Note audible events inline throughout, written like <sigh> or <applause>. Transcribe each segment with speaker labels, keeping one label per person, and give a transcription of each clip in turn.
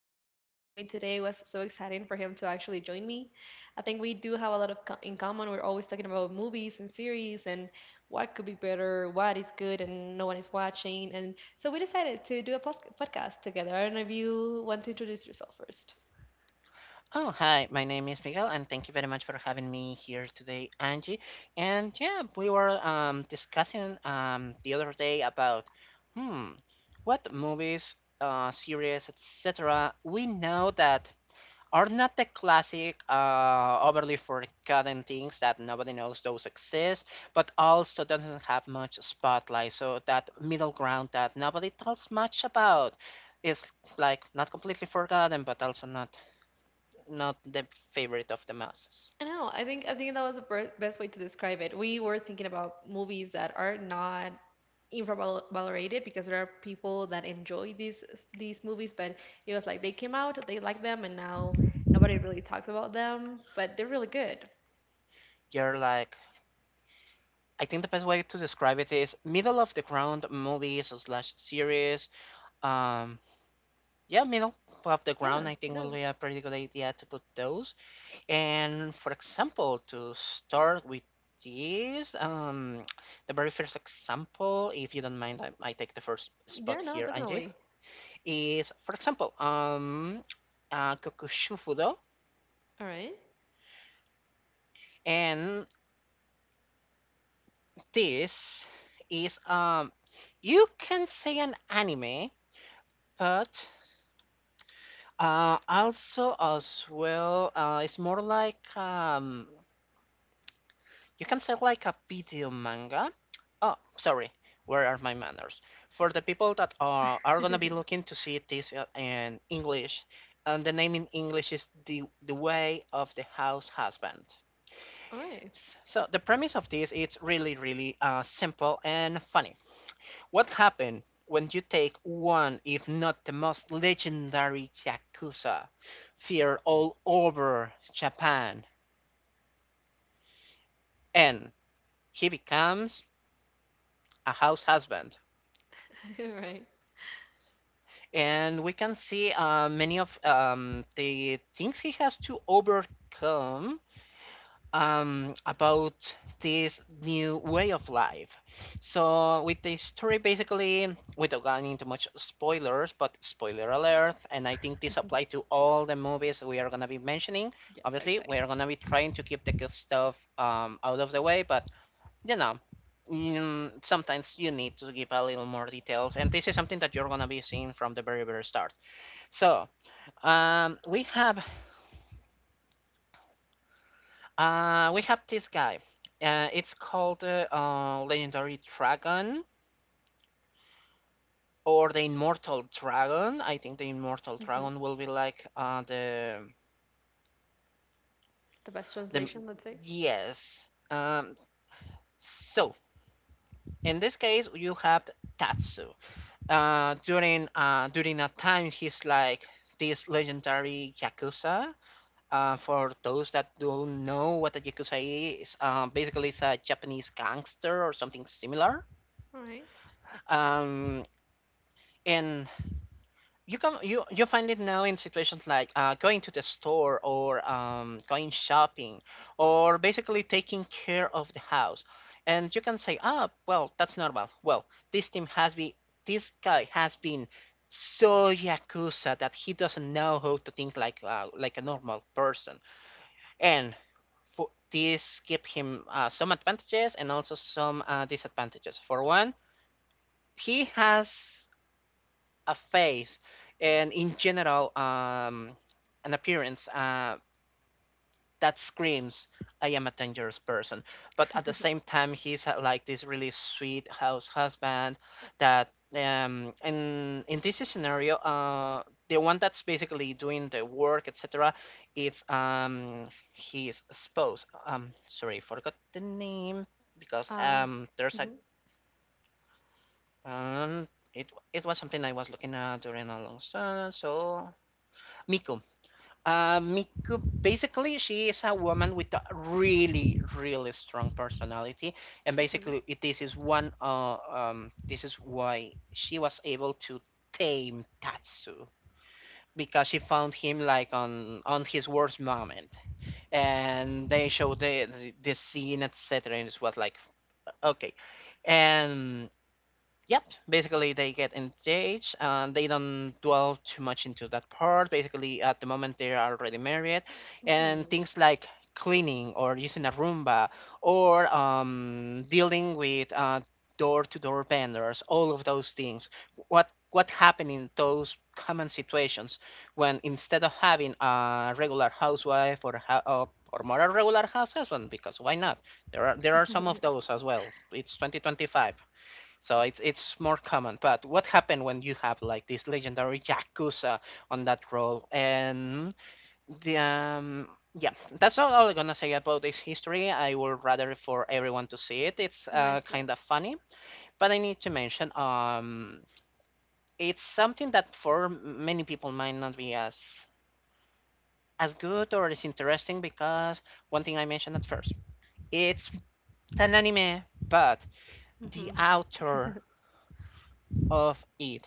Speaker 1: friend with me today. It was so exciting for him to actually join me. I think we do have a lot of in common. We're always talking about movies and series and what could be better, what is good, and no one is watching. And so we decided to do a podcast together. I don't know if you want to introduce yourself first.
Speaker 2: Oh, hi. My name is Miguel, and thank you very much for having me here today, Angie. And yeah, we were discussing the other day about hmm, what movies, series, etc. We know that are not the classic, overly forgotten things that nobody knows those exist, but also doesn't have much spotlight. So that middle ground that nobody talks much about is like not completely forgotten, but also not the favorite of the masses.
Speaker 1: I know. I think that was the best way to describe it. We were thinking about movies that are not infravalorated because there are people that enjoy these movies, but it was like they came out, they liked them, and now nobody really talks about them, but they're really good.
Speaker 2: You're like, I think the best way to describe it is middle of the ground movies slash series. Um, yeah, middle of the
Speaker 1: Yeah.
Speaker 2: ground, I think
Speaker 1: No.
Speaker 2: will be a pretty good idea to put those. And for example, to start with this, the very first example, if you don't mind, I take the first
Speaker 1: Yeah.
Speaker 2: spot
Speaker 1: No.
Speaker 2: here, Angie,
Speaker 1: Definitely.
Speaker 2: is for example, Kokushufudo.
Speaker 1: All right.
Speaker 2: And this is you can say an anime, but also as well it's more like you can say like a video manga. Oh, sorry. Where are my manners? For the people that are gonna be looking to see this in English, and the name in English is the way of the house husband.
Speaker 1: All right.
Speaker 2: So the premise of this it's really really simple and funny. What happened when you take one, if not the most legendary Yakuza, feared all over Japan, and he becomes a house husband?
Speaker 1: <laughs> All right.
Speaker 2: And we can see many of the things he has to overcome about this new way of life. So, with the story, basically, without going into much spoilers, but spoiler alert, and I think this applies to all the movies we are gonna be mentioning.
Speaker 1: Yes, I'd
Speaker 2: Obviously,
Speaker 1: say.
Speaker 2: we are gonna be trying to keep the good stuff out of the way, but you know. Sometimes you need to give a little more details, and this is something that you're gonna be seeing from the very, very start. So, um, we have we have this guy. It's called Legendary Dragon or the Immortal Dragon. I think the Immortal
Speaker 1: hmm
Speaker 2: Dragon will be like
Speaker 1: The best
Speaker 2: the
Speaker 1: translation, let's say.
Speaker 2: yes. Um, so in this case, you have Tatsu. During a time, he's like this legendary yakuza. For those that don't know what a yakuza is, basically it's a Japanese gangster or something similar.
Speaker 1: All right.
Speaker 2: Um, and you come you you find it now in situations like going to the store or going shopping or basically taking care of the house, and you can say ah well that's normal. Well, this team has been this guy has been so yakuza that he doesn't know how to think like a normal person, and for this give him some advantages and also some disadvantages. For one, he has a face and in general an appearance that screams I am a dangerous person, but at the same time he's like this really sweet house husband that in this scenario the one that's basically doing the work etc, it's his spouse. Sorry, forgot the name because
Speaker 1: Uh,
Speaker 2: there's a
Speaker 1: mm-hmm,
Speaker 2: um it it was something I was looking at during a long time. So, Miku. Miku, basically, she is a woman with a really, really strong personality, and
Speaker 1: mm-hmm,
Speaker 2: basically, this is one. This is why she was able to tame Tatsu because she found him like on his worst moment, and they showed the scene, etc. And it was like okay, and yep, basically they get engaged and they don't dwell too much into that part. Basically, at the moment they are already married, and
Speaker 1: mm-hmm.
Speaker 2: things like cleaning or using a Roomba or dealing with door-to-door vendors, all of those things. What happened in those common situations when instead of having a regular housewife or or more a regular house husband, because why not? There are some of those as well. It's 2025. So it's more common. But what happened when you have like this legendary Yakuza on that role? And the yeah, that's all I'm gonna say about this history. I would rather for everyone to see it. It's
Speaker 1: Can I.
Speaker 2: kind of funny, but I need to mention it's something that for many people might not be as good or as interesting because one thing I mentioned at first, it's an anime, but the
Speaker 1: Hmm.
Speaker 2: author of it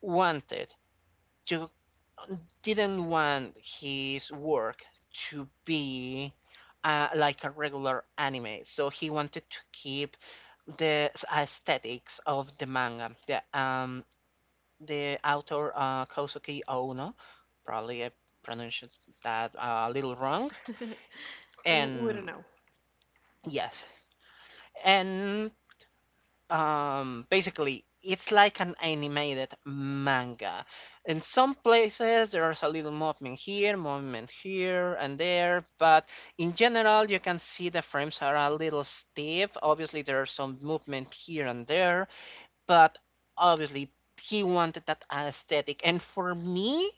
Speaker 2: wanted to didn't want his work to be like a regular anime, so he wanted to keep the aesthetics of the manga. The author Kosuke Ono, probably I pronounced that a little wrong,
Speaker 1: <laughs> We don't
Speaker 2: and
Speaker 1: know.
Speaker 2: yes, and basically it's like an animated manga. In some places there's a little movement here and there, but in general you can see the frames are a little stiff. Obviously there's some movement here and there, but obviously, he wanted that aesthetic. And for me,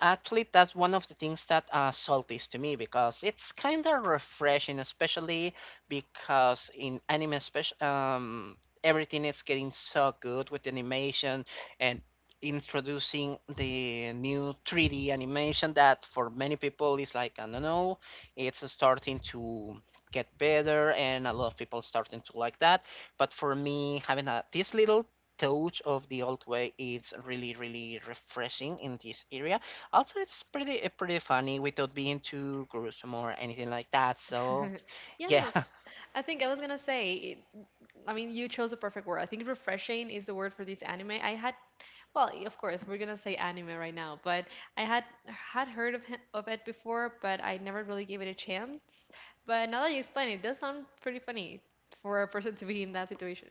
Speaker 2: actually, that's one of the things that Salt is to me because it's kind of refreshing, especially because in anime, especially, everything is getting so good with animation and introducing the new 3D animation that for many people is like, I don't know, it's starting to get better and a lot of people starting to like that, but for me having this little touch of the old way is really really refreshing in this area. Also, it's pretty funny without being too gruesome or anything like that. So
Speaker 1: <laughs>
Speaker 2: yeah,
Speaker 1: Yes,
Speaker 2: <laughs>
Speaker 1: I think I was gonna say. I mean, you chose the perfect word. I think refreshing is the word for this anime. I had, well, of course, we're gonna say anime right now, but I had heard of him, of it before, but I never really gave it a chance. But now that you explain it, it does sound pretty funny for a person to be in that situation.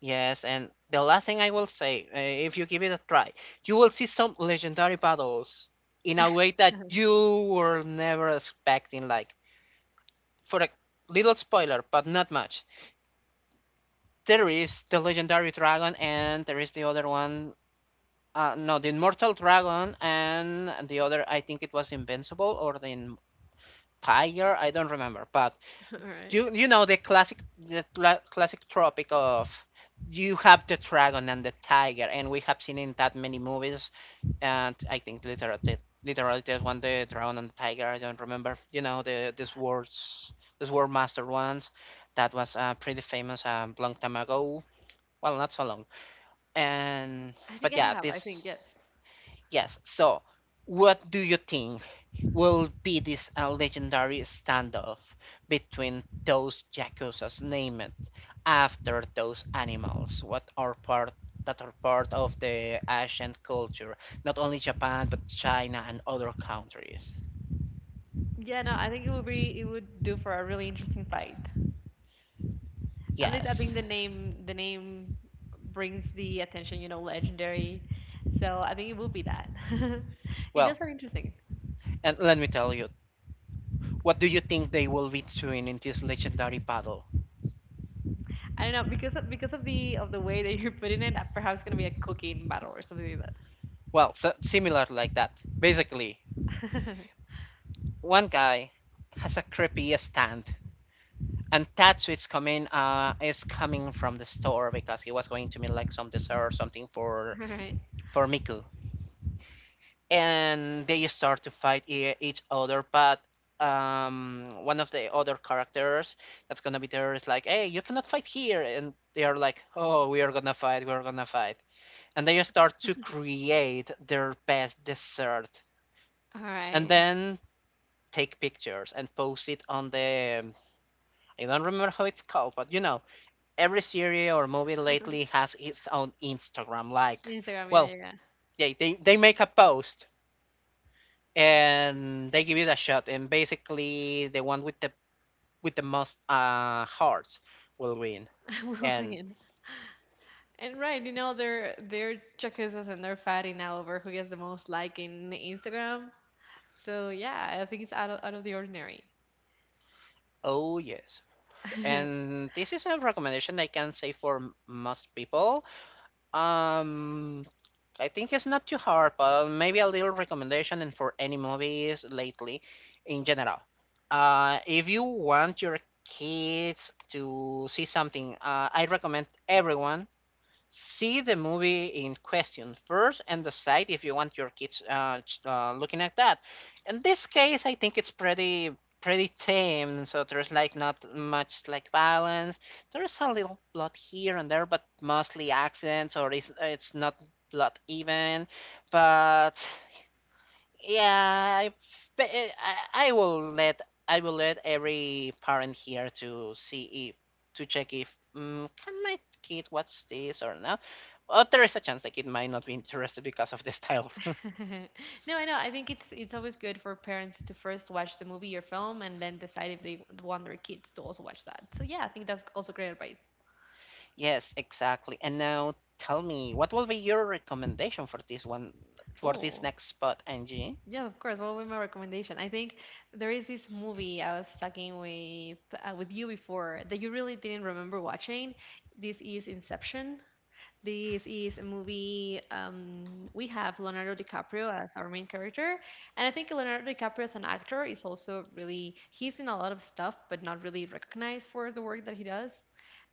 Speaker 2: yes. And the last thing I will say, if you give it a try, you will see some legendary battles in a way that you were never expecting. Like for a little spoiler, but not much. There is the legendary dragon, and there is the other one. No, the Immortal Dragon and the other, I think it was Invincible or the Tiger. I don't remember, but
Speaker 1: <laughs> All right.
Speaker 2: you know the classic tropic of you have the dragon and the tiger, and we have seen in that many movies. And I think literally, literally there's one the dragon and the tiger. I don't remember. You know these words, these word master ones. That was pretty famous a long time ago. Well, not so long. And
Speaker 1: I think
Speaker 2: but
Speaker 1: I
Speaker 2: yeah,
Speaker 1: have. I think
Speaker 2: this
Speaker 1: yes.
Speaker 2: yes. So, what do you think will be this legendary standoff between those yakuza's named after those animals? What are part that are part of the ancient culture, not only Japan but China and other countries?
Speaker 1: Yeah, no, I think it would do for a really interesting fight. At least I think
Speaker 2: Yes.
Speaker 1: the name brings the attention, legendary. So I think it will be that. <laughs> It does
Speaker 2: Well,
Speaker 1: sound interesting.
Speaker 2: and let me tell you, what do you think they will be doing in this legendary battle?
Speaker 1: I don't know because of the way that you're putting it, perhaps gonna be a cooking battle or something like
Speaker 2: Well, so similar like that. Basically,
Speaker 1: that. <laughs>
Speaker 2: one guy has a creepy stand. And Tatsui's coming is coming from the store because he was going to make like some dessert or something
Speaker 1: All right,
Speaker 2: for Miku. And they start to fight each other, but one of the other characters that's gonna be there is like, hey, you cannot fight here, and they are like, oh, we are gonna fight, we are gonna fight, and they start to create their best dessert,
Speaker 1: all
Speaker 2: and
Speaker 1: right.
Speaker 2: then take pictures and post it on the I don't remember how it's called, but you know every series or movie lately has its own Instagram. Like,
Speaker 1: Instagram, yeah,
Speaker 2: well,
Speaker 1: yeah, yeah.
Speaker 2: yeah, they make a post and they give it a shot, and basically the one with the most hearts will win.
Speaker 1: <laughs> We'll
Speaker 2: And
Speaker 1: win. And right, they're checkers and they're fighting now over who gets the most like in Instagram. So yeah, I think it's out of the ordinary.
Speaker 2: oh yes,
Speaker 1: <laughs>
Speaker 2: and this is a recommendation I can say for most people. Um, I think it's not too hard, but maybe a little recommendation and for any movies lately in general. If you want your kids to see something, I recommend everyone see the movie in question first and decide if you want your kids looking at that. In this case, I think it's pretty pretty tame, so there's like not much like violence. There's a little blood here and there, but mostly accidents or it's not blood even. But yeah, I, f- but, I I will let I will let every parent here to check if can my kid watch this or not. Or there is a chance the kid might not be interested because of the style. <laughs>
Speaker 1: <laughs> No, I know. I think it's always good for parents to first watch the movie or film and then decide if they want their kids to also watch that. So yeah, I think that's also great advice.
Speaker 2: Yes, exactly. And now tell me, what will be your recommendation for this one for this
Speaker 1: Oh,
Speaker 2: next spot, Angie?
Speaker 1: yeah, of course. What would be my recommendation? I think there is this movie I was talking with you before that you really didn't remember watching. This is Inception. This is a movie we have Leonardo DiCaprio as our main character, and I think Leonardo DiCaprio as an actor is also really he's in a lot of stuff, but not really recognized for the work that he does.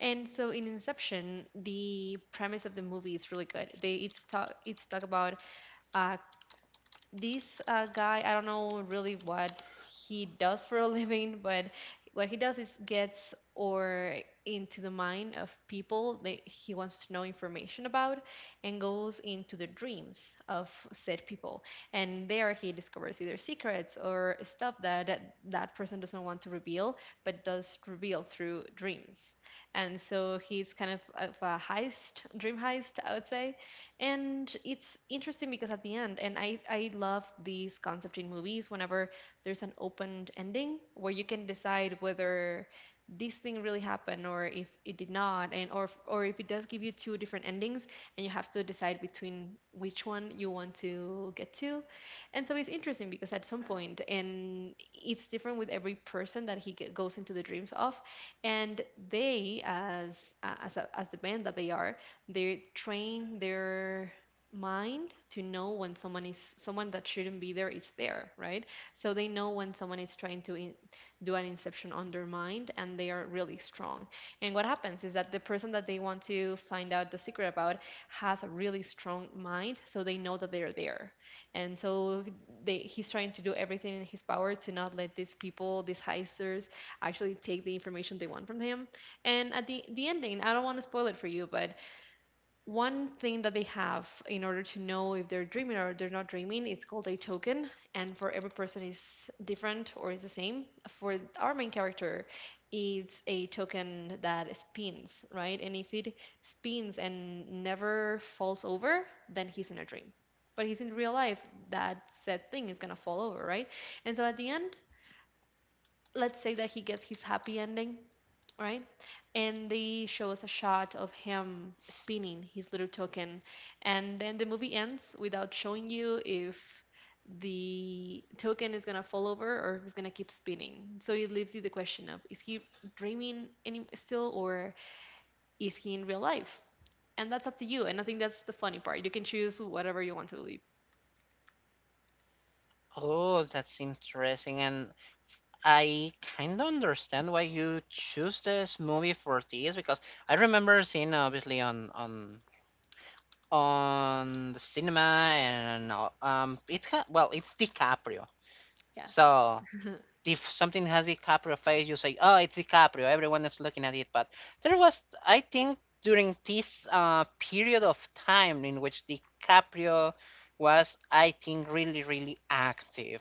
Speaker 1: And so in Inception, the premise of the movie is really good. They it's talk about a this guy. I don't know really what he does for a <laughs> living. But what he does is gets or into the mind of people that he wants to know information about, and goes into the dreams of said people, and there he discovers either secrets or stuff that that person doesn't want to reveal but does reveal through dreams. And so he's kind of a heist, dream heist I would say. And it's interesting because at the end, and I love these concept in movies, whenever there's an open ending where you can decide whether this thing really happened or if it did not, and or if it does give you two different endings and you have to decide between which one you want to get to. And so it's interesting because at some point, and it's different with every person that he goes into the dreams of, and they as the band that they are, they train their mind to know when someone is, someone that shouldn't be there is there, right? So they know when someone is trying to do an inception on their mind and they are really strong. And what happens is that the person that they want to find out the secret about has a really strong mind so they know that they're there. And so he's trying to do everything in his power to not let these people, these heisters, actually take the information they want from him. And at the ending, I don't want to spoil it for you, but one thing that they have in order to know if they're dreaming or they're not dreaming, it's called a token. And for every person is different, or is the same for our main character. It's a token that spins, right? And if it spins and never falls over, then he's in a dream. But he's in real life, that said thing is going to fall over, right? And so at the end, let's say that he gets his happy ending, right? And they show us a shot of him spinning his little token. And then the movie ends without showing you if the token is going to fall over or if it's going to keep spinning. So it leaves you the question of, is he dreaming any still, or is he in real life? And that's up to you. And I think that's the funny part. You can choose whatever you want to believe.
Speaker 2: Oh, that's interesting. And I kind of understand why you choose this movie for this because I remember seeing obviously on the cinema and it well it's DiCaprio.
Speaker 1: Yes.
Speaker 2: So if something has DiCaprio face, you say, "Oh, it's DiCaprio." Everyone is looking at it, but there was, I think, during this period of time in which DiCaprio was, I think, really, really active.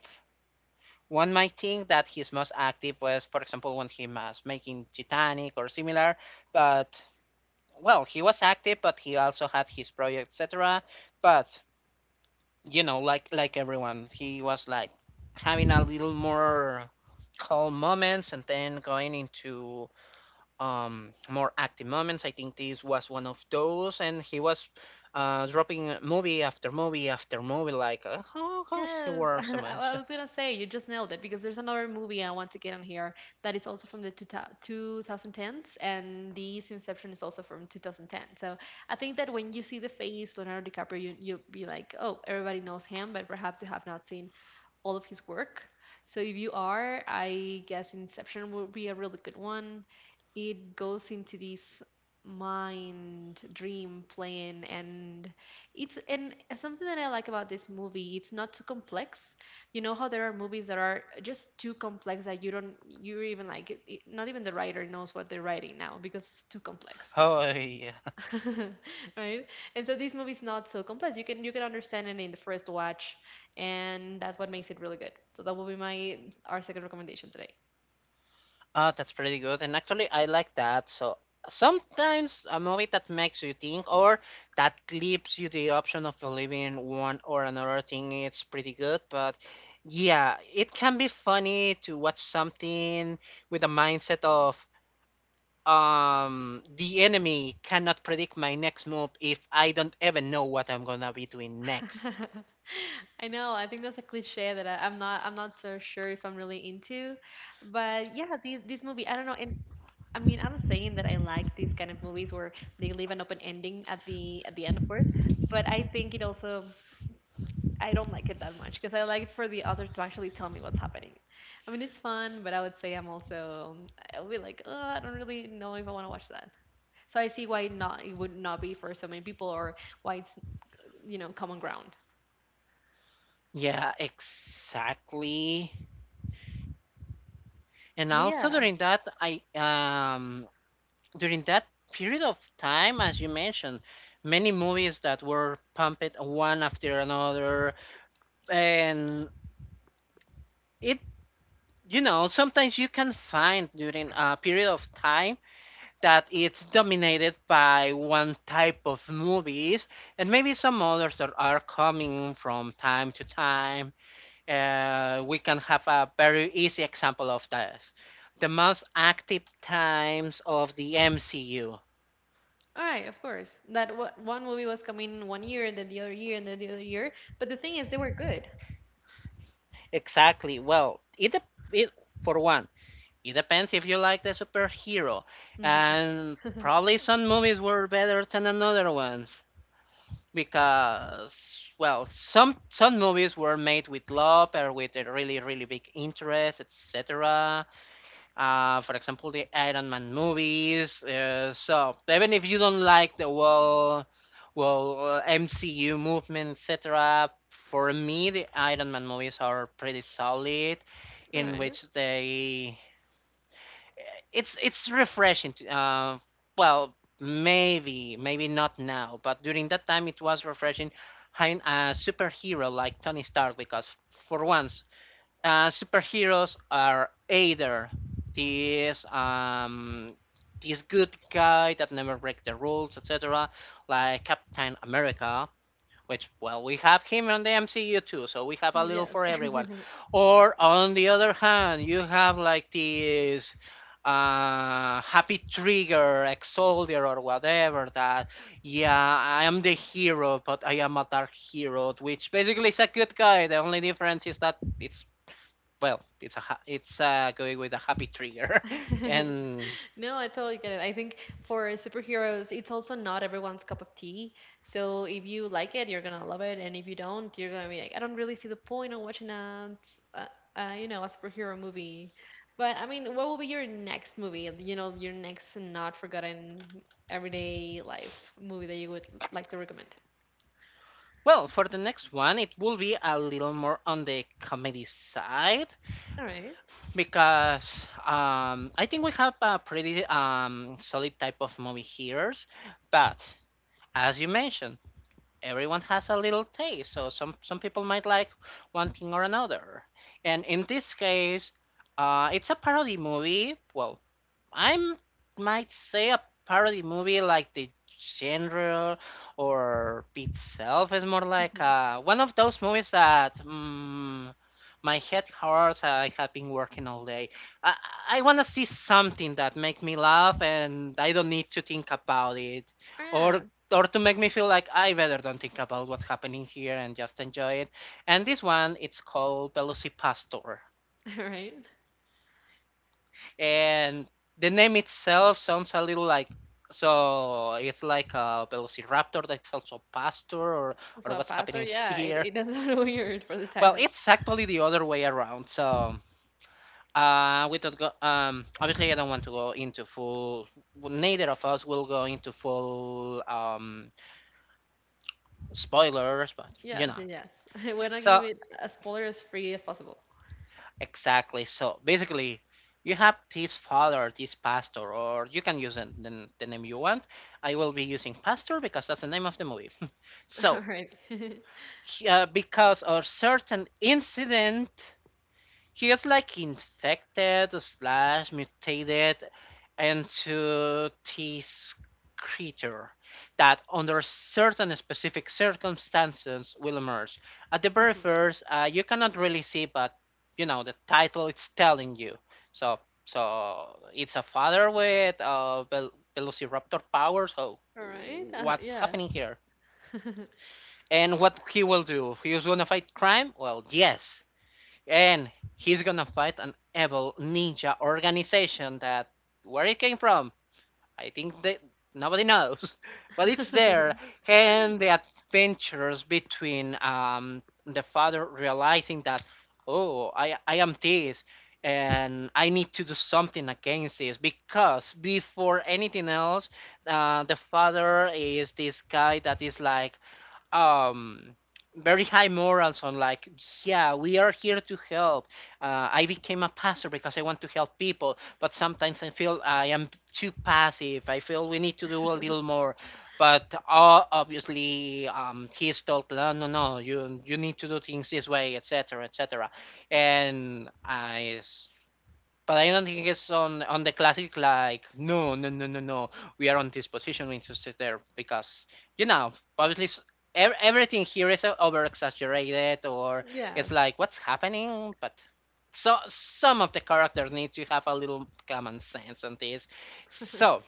Speaker 2: One might think that his most active was, for example, when he was making Titanic or similar, but well, he was active, but he also had his project, etc. But Like everyone, he was like having a little more calm moments and then going into more active moments. I think this was one of those, and he was dropping movie after movie after movie. Like, how is he
Speaker 1: Yes, <laughs>
Speaker 2: worth so
Speaker 1: I
Speaker 2: much?
Speaker 1: I
Speaker 2: <laughs>
Speaker 1: was gonna say you just nailed it because there's another movie I want to get on here that is also from the 2010s, and this Inception is also from 2010. So I think that when you see the face Leonardo DiCaprio, you'll be like, oh, everybody knows him, but perhaps you have not seen all of his work. So if you are, I guess Inception would be a really good one. It goes into this mind dream plane, and it's, and something that I like about this movie, it's not too complex. You know how there are movies that are just too complex that you don't you're even like not even the writer knows what they're writing now because it's too complex.
Speaker 2: Oh yeah.
Speaker 1: <laughs> Right? And so this movie's not so complex. You can understand it in the first watch, and that's what makes it really good. So that will be my, our second recommendation today.
Speaker 2: Oh, that's pretty good. And actually, I like that. So sometimes a movie that makes you think or that leaves you the option of believing one or another thing, it's pretty good. But yeah, it can be funny to watch something with a mindset of the enemy cannot predict my next move if I don't even know what I'm gonna be doing next.
Speaker 1: <laughs> I know, I think that's a cliche that I'm not so sure if I'm really into, but yeah, this movie I don't know and. I mean, I'm saying that I like these kind of movies where they leave an open ending at the end, of course. But I think it also I don't like it that much because I like for the author to actually tell me what's happening. I mean, it's fun, but I would say I'll be like, oh, I don't really know if I want to watch that. So I see why not it would not be for so many people, or why it's, common ground.
Speaker 2: Yeah, exactly. And
Speaker 1: But
Speaker 2: also
Speaker 1: yeah,
Speaker 2: during that, I during that period of time, as you mentioned, many movies that were pumped one after another, and it. Sometimes you can find during a period of time that it's dominated by one type of movies and maybe some others that are coming from time to time, we can have a very easy example of this, the most active times of the MCU.
Speaker 1: all right, of course. That one movie was coming one year and then the other year and then the other year. But the thing is, they were good.
Speaker 2: Exactly. Well, it for one, it depends if you like the superhero,
Speaker 1: Mm-hmm.
Speaker 2: and probably some movies were better than another ones because, well, some movies were made with love or with a really really big interest, etc. For example, the Iron Man movies. So even if you don't like the MCU movement, etc., for me the Iron Man movies are pretty solid,
Speaker 1: All
Speaker 2: in
Speaker 1: right.
Speaker 2: which they it's refreshing. To, well, maybe not now, but during that time it was refreshing having a superhero like Tony Stark because for once, superheroes are either this good guy that never break the rules, etc., like Captain America, which well we have him on the MCU too, so we have a little for
Speaker 1: Yes.
Speaker 2: everyone. Or on the other hand, you have like this happy trigger ex soldier or whatever that, yeah, I am the hero but I am a dark hero, which basically is a good guy. The only difference is that it's, well, it's a ha- it's going with a happy trigger, <laughs>
Speaker 1: <laughs>
Speaker 2: and
Speaker 1: No, I totally get it. I think for superheroes, it's also not everyone's cup of tea. So if you like it, you're gonna love it, and if you don't, you're gonna be like, I don't really see the point of watching uh a superhero movie. But I mean, what will be your next movie? Your next not forgotten everyday life movie that you would like to recommend?
Speaker 2: well, for the next one, it will be a little more on the comedy side
Speaker 1: All right.
Speaker 2: because I think we have a pretty solid type of movie hearers, but as you mentioned, everyone has a little taste, so some people might like one thing or another, and in this case. It's a parody movie. Well, I might say a parody movie like the genre or itself is more like
Speaker 1: Mm-hmm.
Speaker 2: one of those movies that, my head hurts. I have been working all day. I, I want to see something that make me laugh and I don't need to think about it,
Speaker 1: Oh,
Speaker 2: or
Speaker 1: yeah.
Speaker 2: or to make me feel like I better don't think about what's happening here and just enjoy it. And this one, it's called Velocipastor,
Speaker 1: <laughs> All right.
Speaker 2: and the name itself sounds a little like, so it's like a velociraptor that's also pastor
Speaker 1: So
Speaker 2: or
Speaker 1: a
Speaker 2: what's
Speaker 1: pastor,
Speaker 2: happening <laughs>
Speaker 1: yeah, it,
Speaker 2: here.
Speaker 1: it doesn't <laughs> weird for the
Speaker 2: Well,
Speaker 1: title.
Speaker 2: it's actually the other way around. So, we don't go, obviously I don't want to go into full, neither of us will go into full spoilers, but you
Speaker 1: Yeah,
Speaker 2: know
Speaker 1: yes. <laughs> Yes. I want to give
Speaker 2: so
Speaker 1: it as spoilers free as possible.
Speaker 2: exactly. So basically, you have this father, this pastor, or you can use the name you want. I will be using pastor because that's the name of the movie. <laughs> So,
Speaker 1: All right. <laughs>
Speaker 2: because of certain incident he is like infected slash mutated into this creature that under certain specific circumstances will emerge. At the very
Speaker 1: Mhm.
Speaker 2: first, you cannot really see, but you know the title it's telling you. So so it's a father with velociraptor powers. So
Speaker 1: All right.
Speaker 2: what's
Speaker 1: Yeah.
Speaker 2: happening here? And what he will do? He is gonna fight crime? Well, yes, and he's gonna fight an evil ninja organization that where it came from, I think that nobody knows, <laughs> but it's
Speaker 1: <laughs>
Speaker 2: there. And the adventures between the father realizing that, oh, I am this, and I need to do something against this because before anything else, the father is this guy that is like, um very high morals on like, yeah, we are here to help. I became a pastor because I want to help people but sometimes I feel I am too passive, I feel we need to do a little more. But obviously he's told no no no you you need to do things this way etc etc and I, but I don't think it's on the classic like no no no no no, we are on this position we need to sit there because, you know, obviously everything here is over exaggerated or it's
Speaker 1: Yes.
Speaker 2: like what's happening. But so some of the characters need to have a little common sense on this. So,
Speaker 1: <laughs>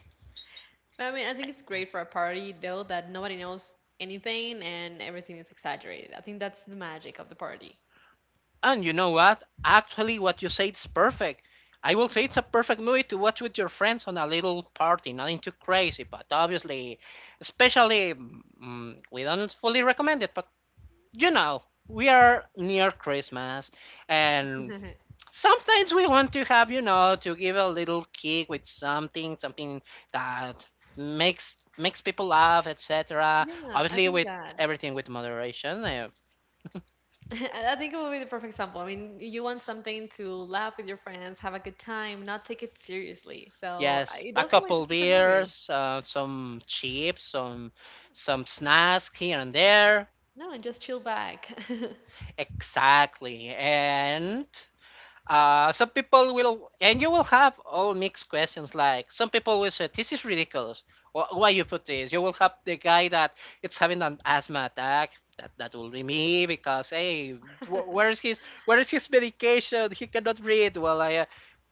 Speaker 1: But I mean, I think it's great for a party, though, that nobody knows anything and everything is exaggerated. I think that's the magic of the party.
Speaker 2: and you know what? Actually, what you said is perfect. I will say it's a perfect movie to watch with your friends on a little party. Nothing too crazy, but obviously, especially, we don't fully recommend it, but, you know, we are near Christmas, and
Speaker 1: <laughs>
Speaker 2: sometimes we want to have, you know, to give a little kick with something, something that makes people laugh, etc.
Speaker 1: Yeah, I
Speaker 2: Obviously,
Speaker 1: think
Speaker 2: with
Speaker 1: that.
Speaker 2: everything with moderation.
Speaker 1: <laughs> I think it would be the perfect example. I mean, you want something to laugh with your friends, have a good time, not take it seriously.
Speaker 2: Yes,
Speaker 1: It
Speaker 2: a
Speaker 1: doesn't like the
Speaker 2: couple
Speaker 1: perfect movie.
Speaker 2: beers, some chips, some snacks here and there.
Speaker 1: No, and just chill back.
Speaker 2: Exactly. And some people will, and you will have all mixed questions. Like some people will say, "This is ridiculous. Why you put this?" You will have the guy that it's having an asthma attack. That will be me because hey, where is his medication? He cannot breathe. Well, I.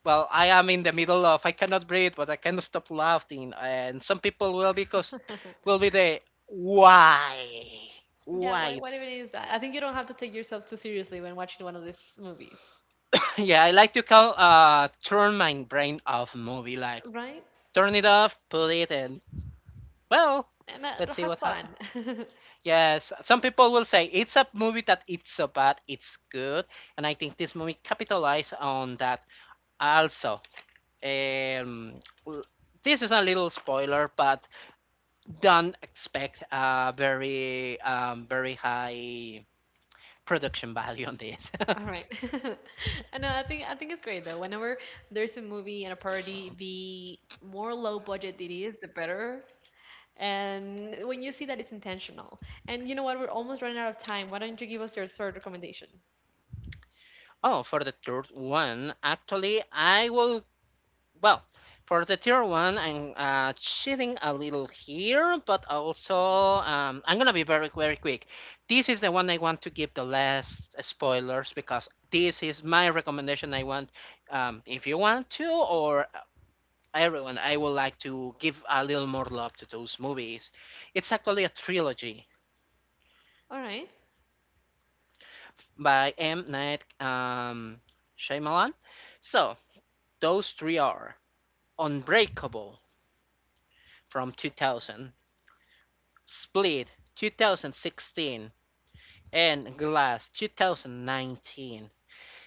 Speaker 2: well, I am in the middle of I cannot breathe, but I cannot stop laughing. And some people will, because
Speaker 1: <laughs>
Speaker 2: will be the why,
Speaker 1: Yeah,
Speaker 2: why
Speaker 1: wha-
Speaker 2: it's,
Speaker 1: whatever it is, I think you don't have to take yourself too seriously when watching one of these movies,
Speaker 2: <laughs> yeah. I like to call, turn my brain off movie, like
Speaker 1: right?
Speaker 2: turn it off, put it in. Well,
Speaker 1: And
Speaker 2: let's
Speaker 1: no,
Speaker 2: see
Speaker 1: have
Speaker 2: what
Speaker 1: fun.
Speaker 2: happens.
Speaker 1: <laughs>
Speaker 2: Yes, some people will say it's a movie that it's so bad, it's good, and I think this movie capitalized on that. Also, um, this is a little spoiler, but don't expect a very, very high production value on this.
Speaker 1: All right. <laughs> I know. I think it's great though. Whenever there's a movie and a parody, the more low budget it is, the better. And when you see that it's intentional. And you know what? We're almost running out of time. Why don't you give us your third recommendation?
Speaker 2: <laughs> Oh, for the third one, actually, I will, well, for the tier one, I'm cheating a little here, but also I'm gonna be very, very quick. This is the one I want to give the last spoilers because this is my recommendation. I want, if you want to, or everyone, I would like to give a little more love to those movies. It's actually a trilogy
Speaker 1: All right.
Speaker 2: by M. Night Shyamalan. So those three are Unbreakable from 2000. Split 2016 and Glass 2019.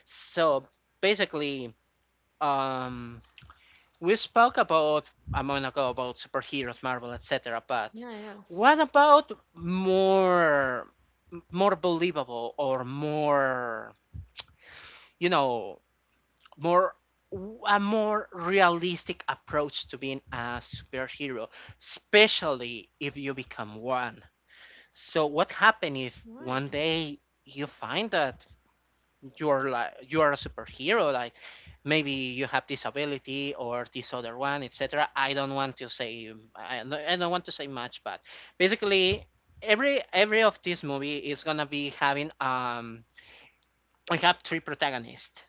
Speaker 2: So basically, um, we spoke about a moment ago about superheroes, Marvel, etc. But
Speaker 1: Yeah. Yes.
Speaker 2: what about more, more believable or more, you know, more a more realistic approach to being a superhero, especially if you become one? So what happened if
Speaker 1: All
Speaker 2: one
Speaker 1: right.
Speaker 2: day you find that you're like you are a superhero, like maybe you have this ability or this other one, etc. I don't want to say, I don't want to say much, but basically every of this movie is gonna be having, we have 3 protagonists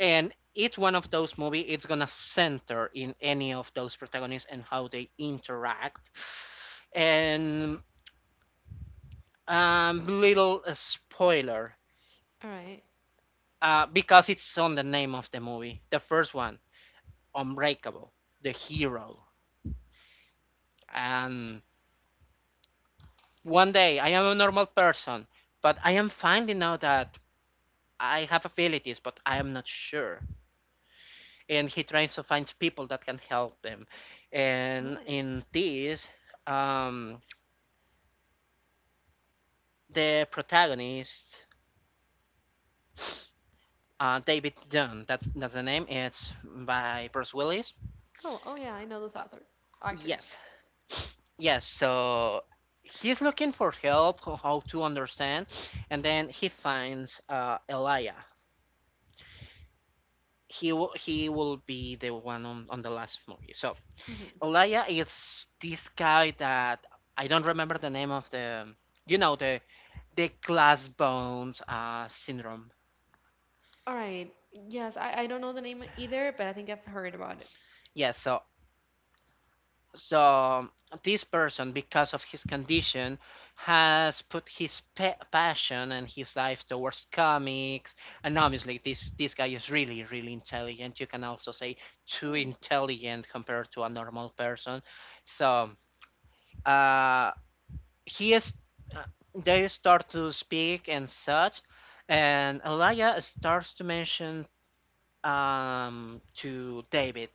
Speaker 2: and each one of those movie it's gonna center in any of those protagonists and how they interact and little spoiler.
Speaker 1: All right.
Speaker 2: Because it's on the name of the movie. The first one, Unbreakable, the hero. And one day, I am a normal person, but I am finding out that I have abilities, but I am not sure. And he tries to find people that can help him.
Speaker 1: All
Speaker 2: And
Speaker 1: right.
Speaker 2: in this, um, the protagonist, David Dunn, that's the name, it's by Bruce Willis.
Speaker 1: Oh. Oh yeah. I know those
Speaker 2: Uh,
Speaker 1: author actors.
Speaker 2: yes, yes, so he's looking for help how to understand, and then he finds Elia. He will be the one on the last movie. So
Speaker 1: hmm
Speaker 2: Elia is this guy that I don't remember the name of the, you know, the glass bones syndrome.
Speaker 1: All right. Yes, I don't know the name either, but I think I've heard about it.
Speaker 2: Yes, so, so this person, because of his condition, has put his pa passion and his life towards comics. And obviously, this guy is really, really intelligent. You can also say too
Speaker 1: Mm.
Speaker 2: intelligent compared to a normal person. So uh, he is. Uh, they start to speak and such, and Elia starts to mention to David.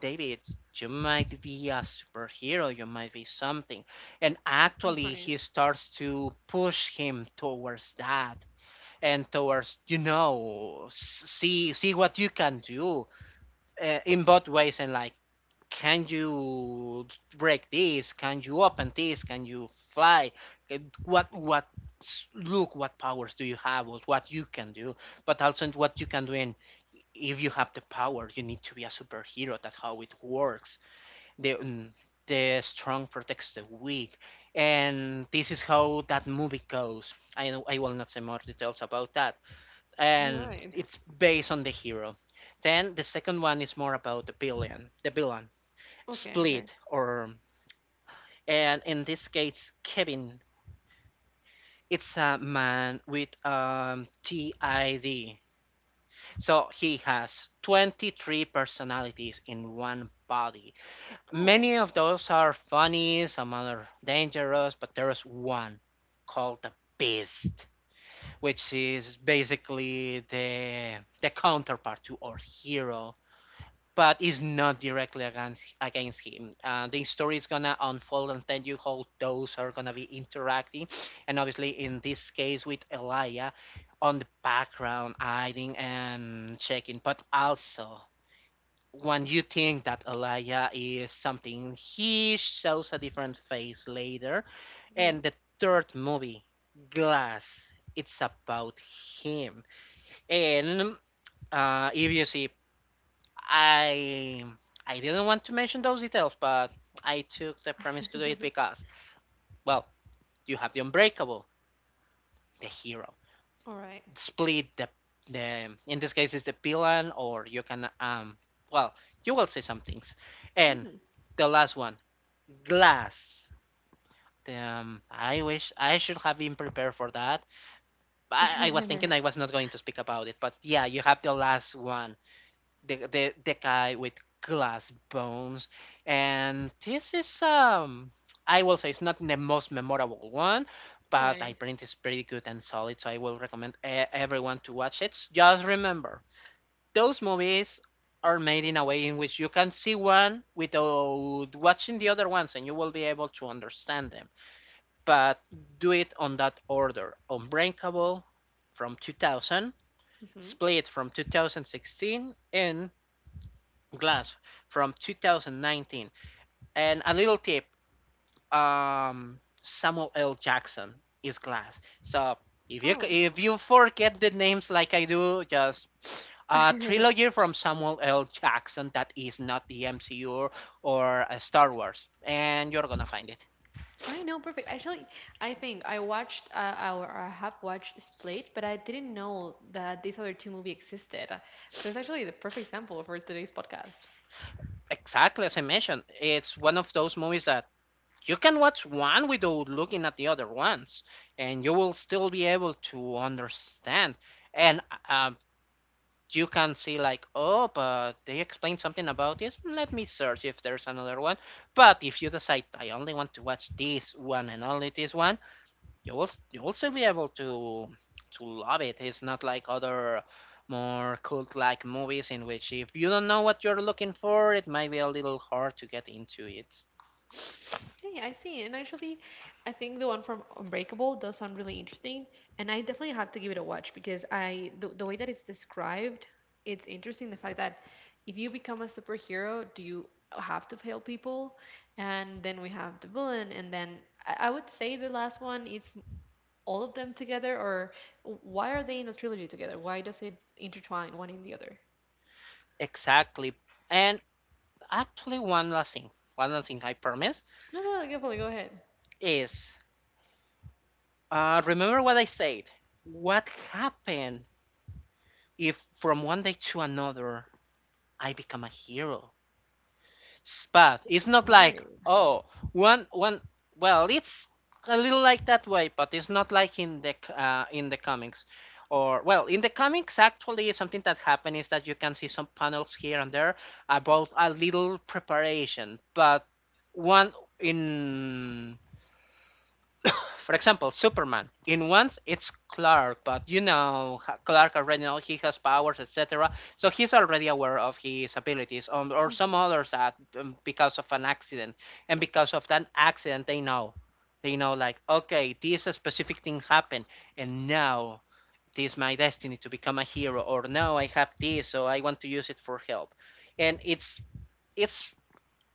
Speaker 2: David, you might be a superhero, you might be something. And
Speaker 1: <laughs>
Speaker 2: actually,
Speaker 1: Right.
Speaker 2: he starts to push him towards that and towards, you know, see what you can do in both ways and can you break this? Can you open this? Can you fly? What look what powers do you have? What you can do? But also what you can do in if you have the power, you need to be a superhero. That's how it works, the the strong protects the weak, and this is how that movie goes. I will not say more details about that,
Speaker 1: All
Speaker 2: and
Speaker 1: right.
Speaker 2: it's based on the hero. Then the second one is more about the villain, the villain
Speaker 1: Okay. Okay.
Speaker 2: Split, or, and in this case, Kevin. It's a man with TID. So he has 23 personalities in one body.
Speaker 1: Oh.
Speaker 2: Many of those are funny, some are dangerous, but there is one called the Beast, which is basically the counterpart to our hero, but is not directly against him. The story is gonna unfold and you how those are gonna be interacting, and obviously in this case with Elia on the background hiding and checking, but also when you think that Alaya is something, he shows a different face later.
Speaker 1: Mm-hmm.
Speaker 2: And the third movie, Glass, it's about him. And if you see, I I didn't want to mention those details, but I took the premise to do it
Speaker 1: <laughs>
Speaker 2: because, well, you have the Unbreakable, the hero,
Speaker 1: All right.
Speaker 2: Split, the in this case is the villain, or you can well, you will say some things, and
Speaker 1: Mm-hmm.
Speaker 2: the last one, Glass. Damn, I wish I should have been prepared for that. But I was thinking I
Speaker 1: <laughs>
Speaker 2: was not going to speak about it. But yeah, you have the last one, the guy with glass bones, and this is I will say it's not the most memorable one,
Speaker 1: All
Speaker 2: but
Speaker 1: right.
Speaker 2: I think it's pretty good and solid. So I will recommend everyone to watch it. Just remember, those movies are made in a way in which you can see one without watching the other ones, and you will be able to understand them, but do it on that order. Unbreakable from 2000,
Speaker 1: Mm-hmm.
Speaker 2: Split from 2016, and Glass from 2019. And a little tip, Samuel L. Jackson is Glass. So if you
Speaker 1: Oh.
Speaker 2: if you forget the names like I do, just a trilogy
Speaker 1: <laughs>
Speaker 2: from Samuel L. Jackson that is not the MCU or Star Wars, and you're gonna find it.
Speaker 1: All right. No. Perfect. Actually, I think I watched or I have watched Split, but I didn't know that these other two movie existed. So it's actually the perfect sample for today's podcast.
Speaker 2: Exactly as I mentioned, it's one of those movies that you can watch one without looking at the other ones, and you will still be able to understand. And um, you can see like, oh, but they explained something about this. Let me search if there's another one. But if you decide I only want to watch this one and only this one, you will still be able to love it. It's not like other more cult-like movies in which if you don't know what you're looking for, it might be a little hard to get into it.
Speaker 1: Okay, I see. And actually, I think the one from Unbreakable does sound really interesting, and I definitely have to give it a watch because I the way that it's described, it's interesting. The fact that if you become a superhero, do you have to fail people? And then we have the villain, and then I would say the last one it's all of them together, or why are they in a trilogy together? Why does it intertwine one in the other?
Speaker 2: Exactly. And actually, one last thing. One last thing, I promise,
Speaker 1: No, no, no, definitely go ahead.
Speaker 2: is remember what I said. What happened if from one day to another I become a hero? But it's not like,
Speaker 1: Right.
Speaker 2: oh, one. Well, it's a little like that way, but it's not like in the comics. Or well, in the comics, actually, something that happened is that you can see some panels here and there about a little preparation. But one in, for example, Superman. In ones, it's Clark, but you know Clark already knows he has powers, etc. So he's already aware of his abilities, or some others that because of an accident, and because of that accident, they know like, okay, this specific thing happened, and now this is my destiny to become a hero, or now I have this, so I want to use it for help, and it's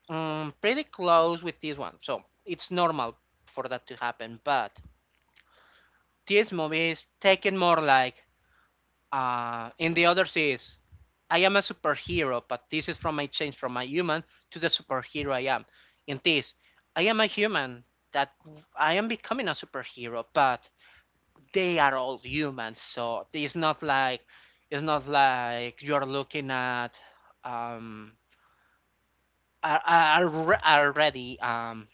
Speaker 2: pretty close with this one, so it's normal for that to happen, but this movie is taken more like in the others is I am a superhero, but this is from my change from a human to the superhero I am. In this, I am a human that I am becoming a superhero, but they are all humans, so it's not like you're looking at um are already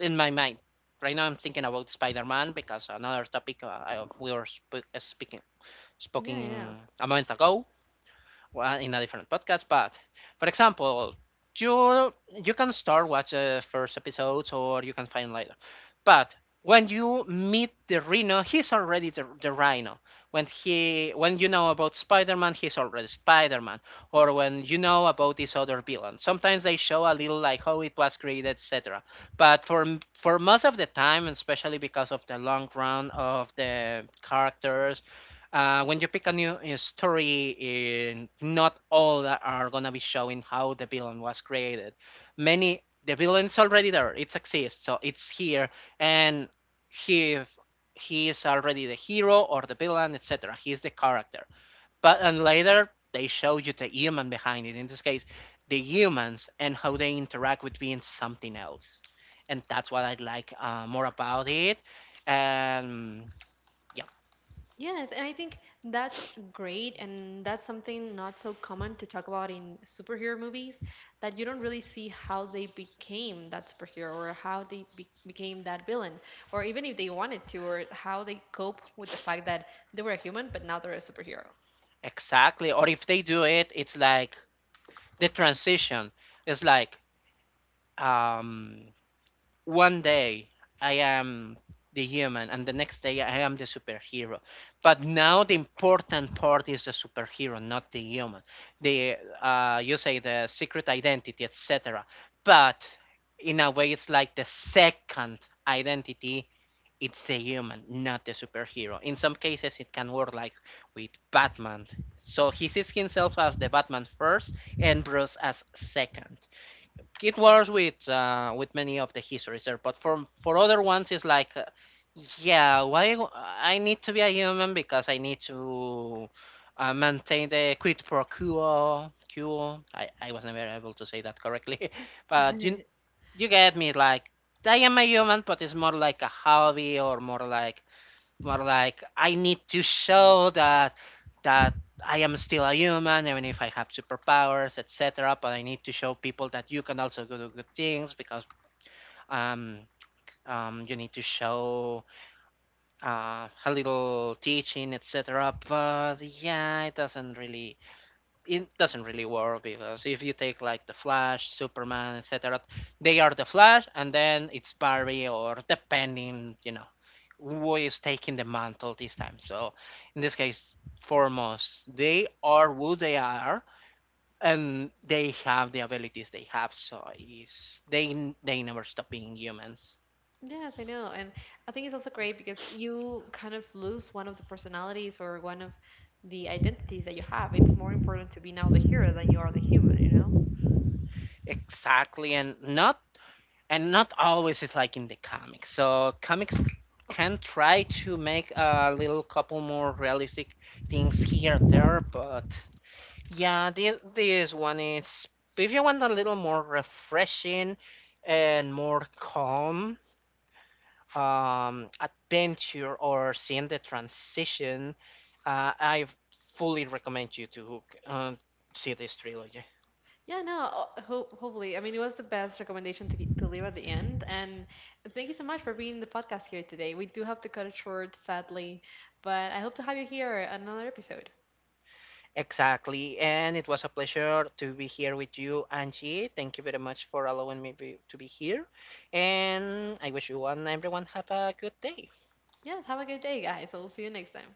Speaker 2: in my mind. Right now, I'm thinking about Spider-Man because another topic, we were speaking
Speaker 1: Yeah, yeah.
Speaker 2: spoken a moment ago in a different podcast. But for example, you you can start watch the first episodes or you can find later. But when you meet the Rhino, he's already the Rhino. When you know about Spider-Man, he's already Spider-Man. Or when you know about this other villain, sometimes they show a little like how it was created, etc. But for most of the time, and especially because of the long run of the characters, when you pick a new story, in, not all are gonna be showing how the villain was created. Many the villain's already there; it exists, so it's here, and he he is already the hero or the villain, etc. He is the character. But and later they show you the human behind it. In this case, the humans and how they interact with being something else, and that's what I like more about it. And yeah.
Speaker 1: Yes, and I think that's great, and that's something not so common to talk about in superhero movies, that you don't really see how they became that superhero or how they became that villain, or even if they wanted to, or how they cope with the fact that they were a human but now they're a superhero.
Speaker 2: Exactly. Or if they do it, it's like the transition. It's like um, one day I am the human, and the next day I am the superhero. But now the important part is the superhero, not the human. The You say the secret identity, etc. But in a way, it's like the second identity it's the human, not the superhero. In some cases, it can work like with Batman. So he sees himself as the Batman first, and Bruce as second. It works with many of the histories there, but for other ones, it's like, yeah, why I need to be a human because I need to maintain the quid pro quo. Quo. I was never able to say that correctly, <laughs> but
Speaker 1: <laughs>
Speaker 2: you get me like I am a human but it's more like a hobby or more like I need to show that that I am still a human even if I have superpowers, etc., but I need to show people that you can also do good things because um you need to show a little teaching, etc. But yeah, it doesn't really work because if you take like the Flash, Superman, etc., they are the Flash, and then it's Barry or depending, you know, who is taking the mantle this time. So in this case, foremost, they are who they are, and they have the abilities they have. So is they never stop being humans.
Speaker 1: Yes, I know. And I think it's also great because you kind of lose one of the personalities or one of the identities that you have. It's more important to be now the hero than you are the human, you know?
Speaker 2: Exactly, and not always it's like in the comics. So comics can try to make a little couple more realistic things here and there, but yeah, this one is if you want a little more refreshing and more calm adventure or seeing the transition, I fully recommend you to see this trilogy.
Speaker 1: Yeah, no, ho hopefully. I mean, it was the best recommendation to, to leave at the end. And thank you so much for being in the podcast here today. We do have to cut it short, sadly, but I hope to have you here on another episode.
Speaker 2: Exactly. And it was a pleasure to be here with you, Angie. Thank you very much for allowing me to be here. And I wish you and everyone have a good day.
Speaker 1: Yes, have a good day, guys. I'll see you next time.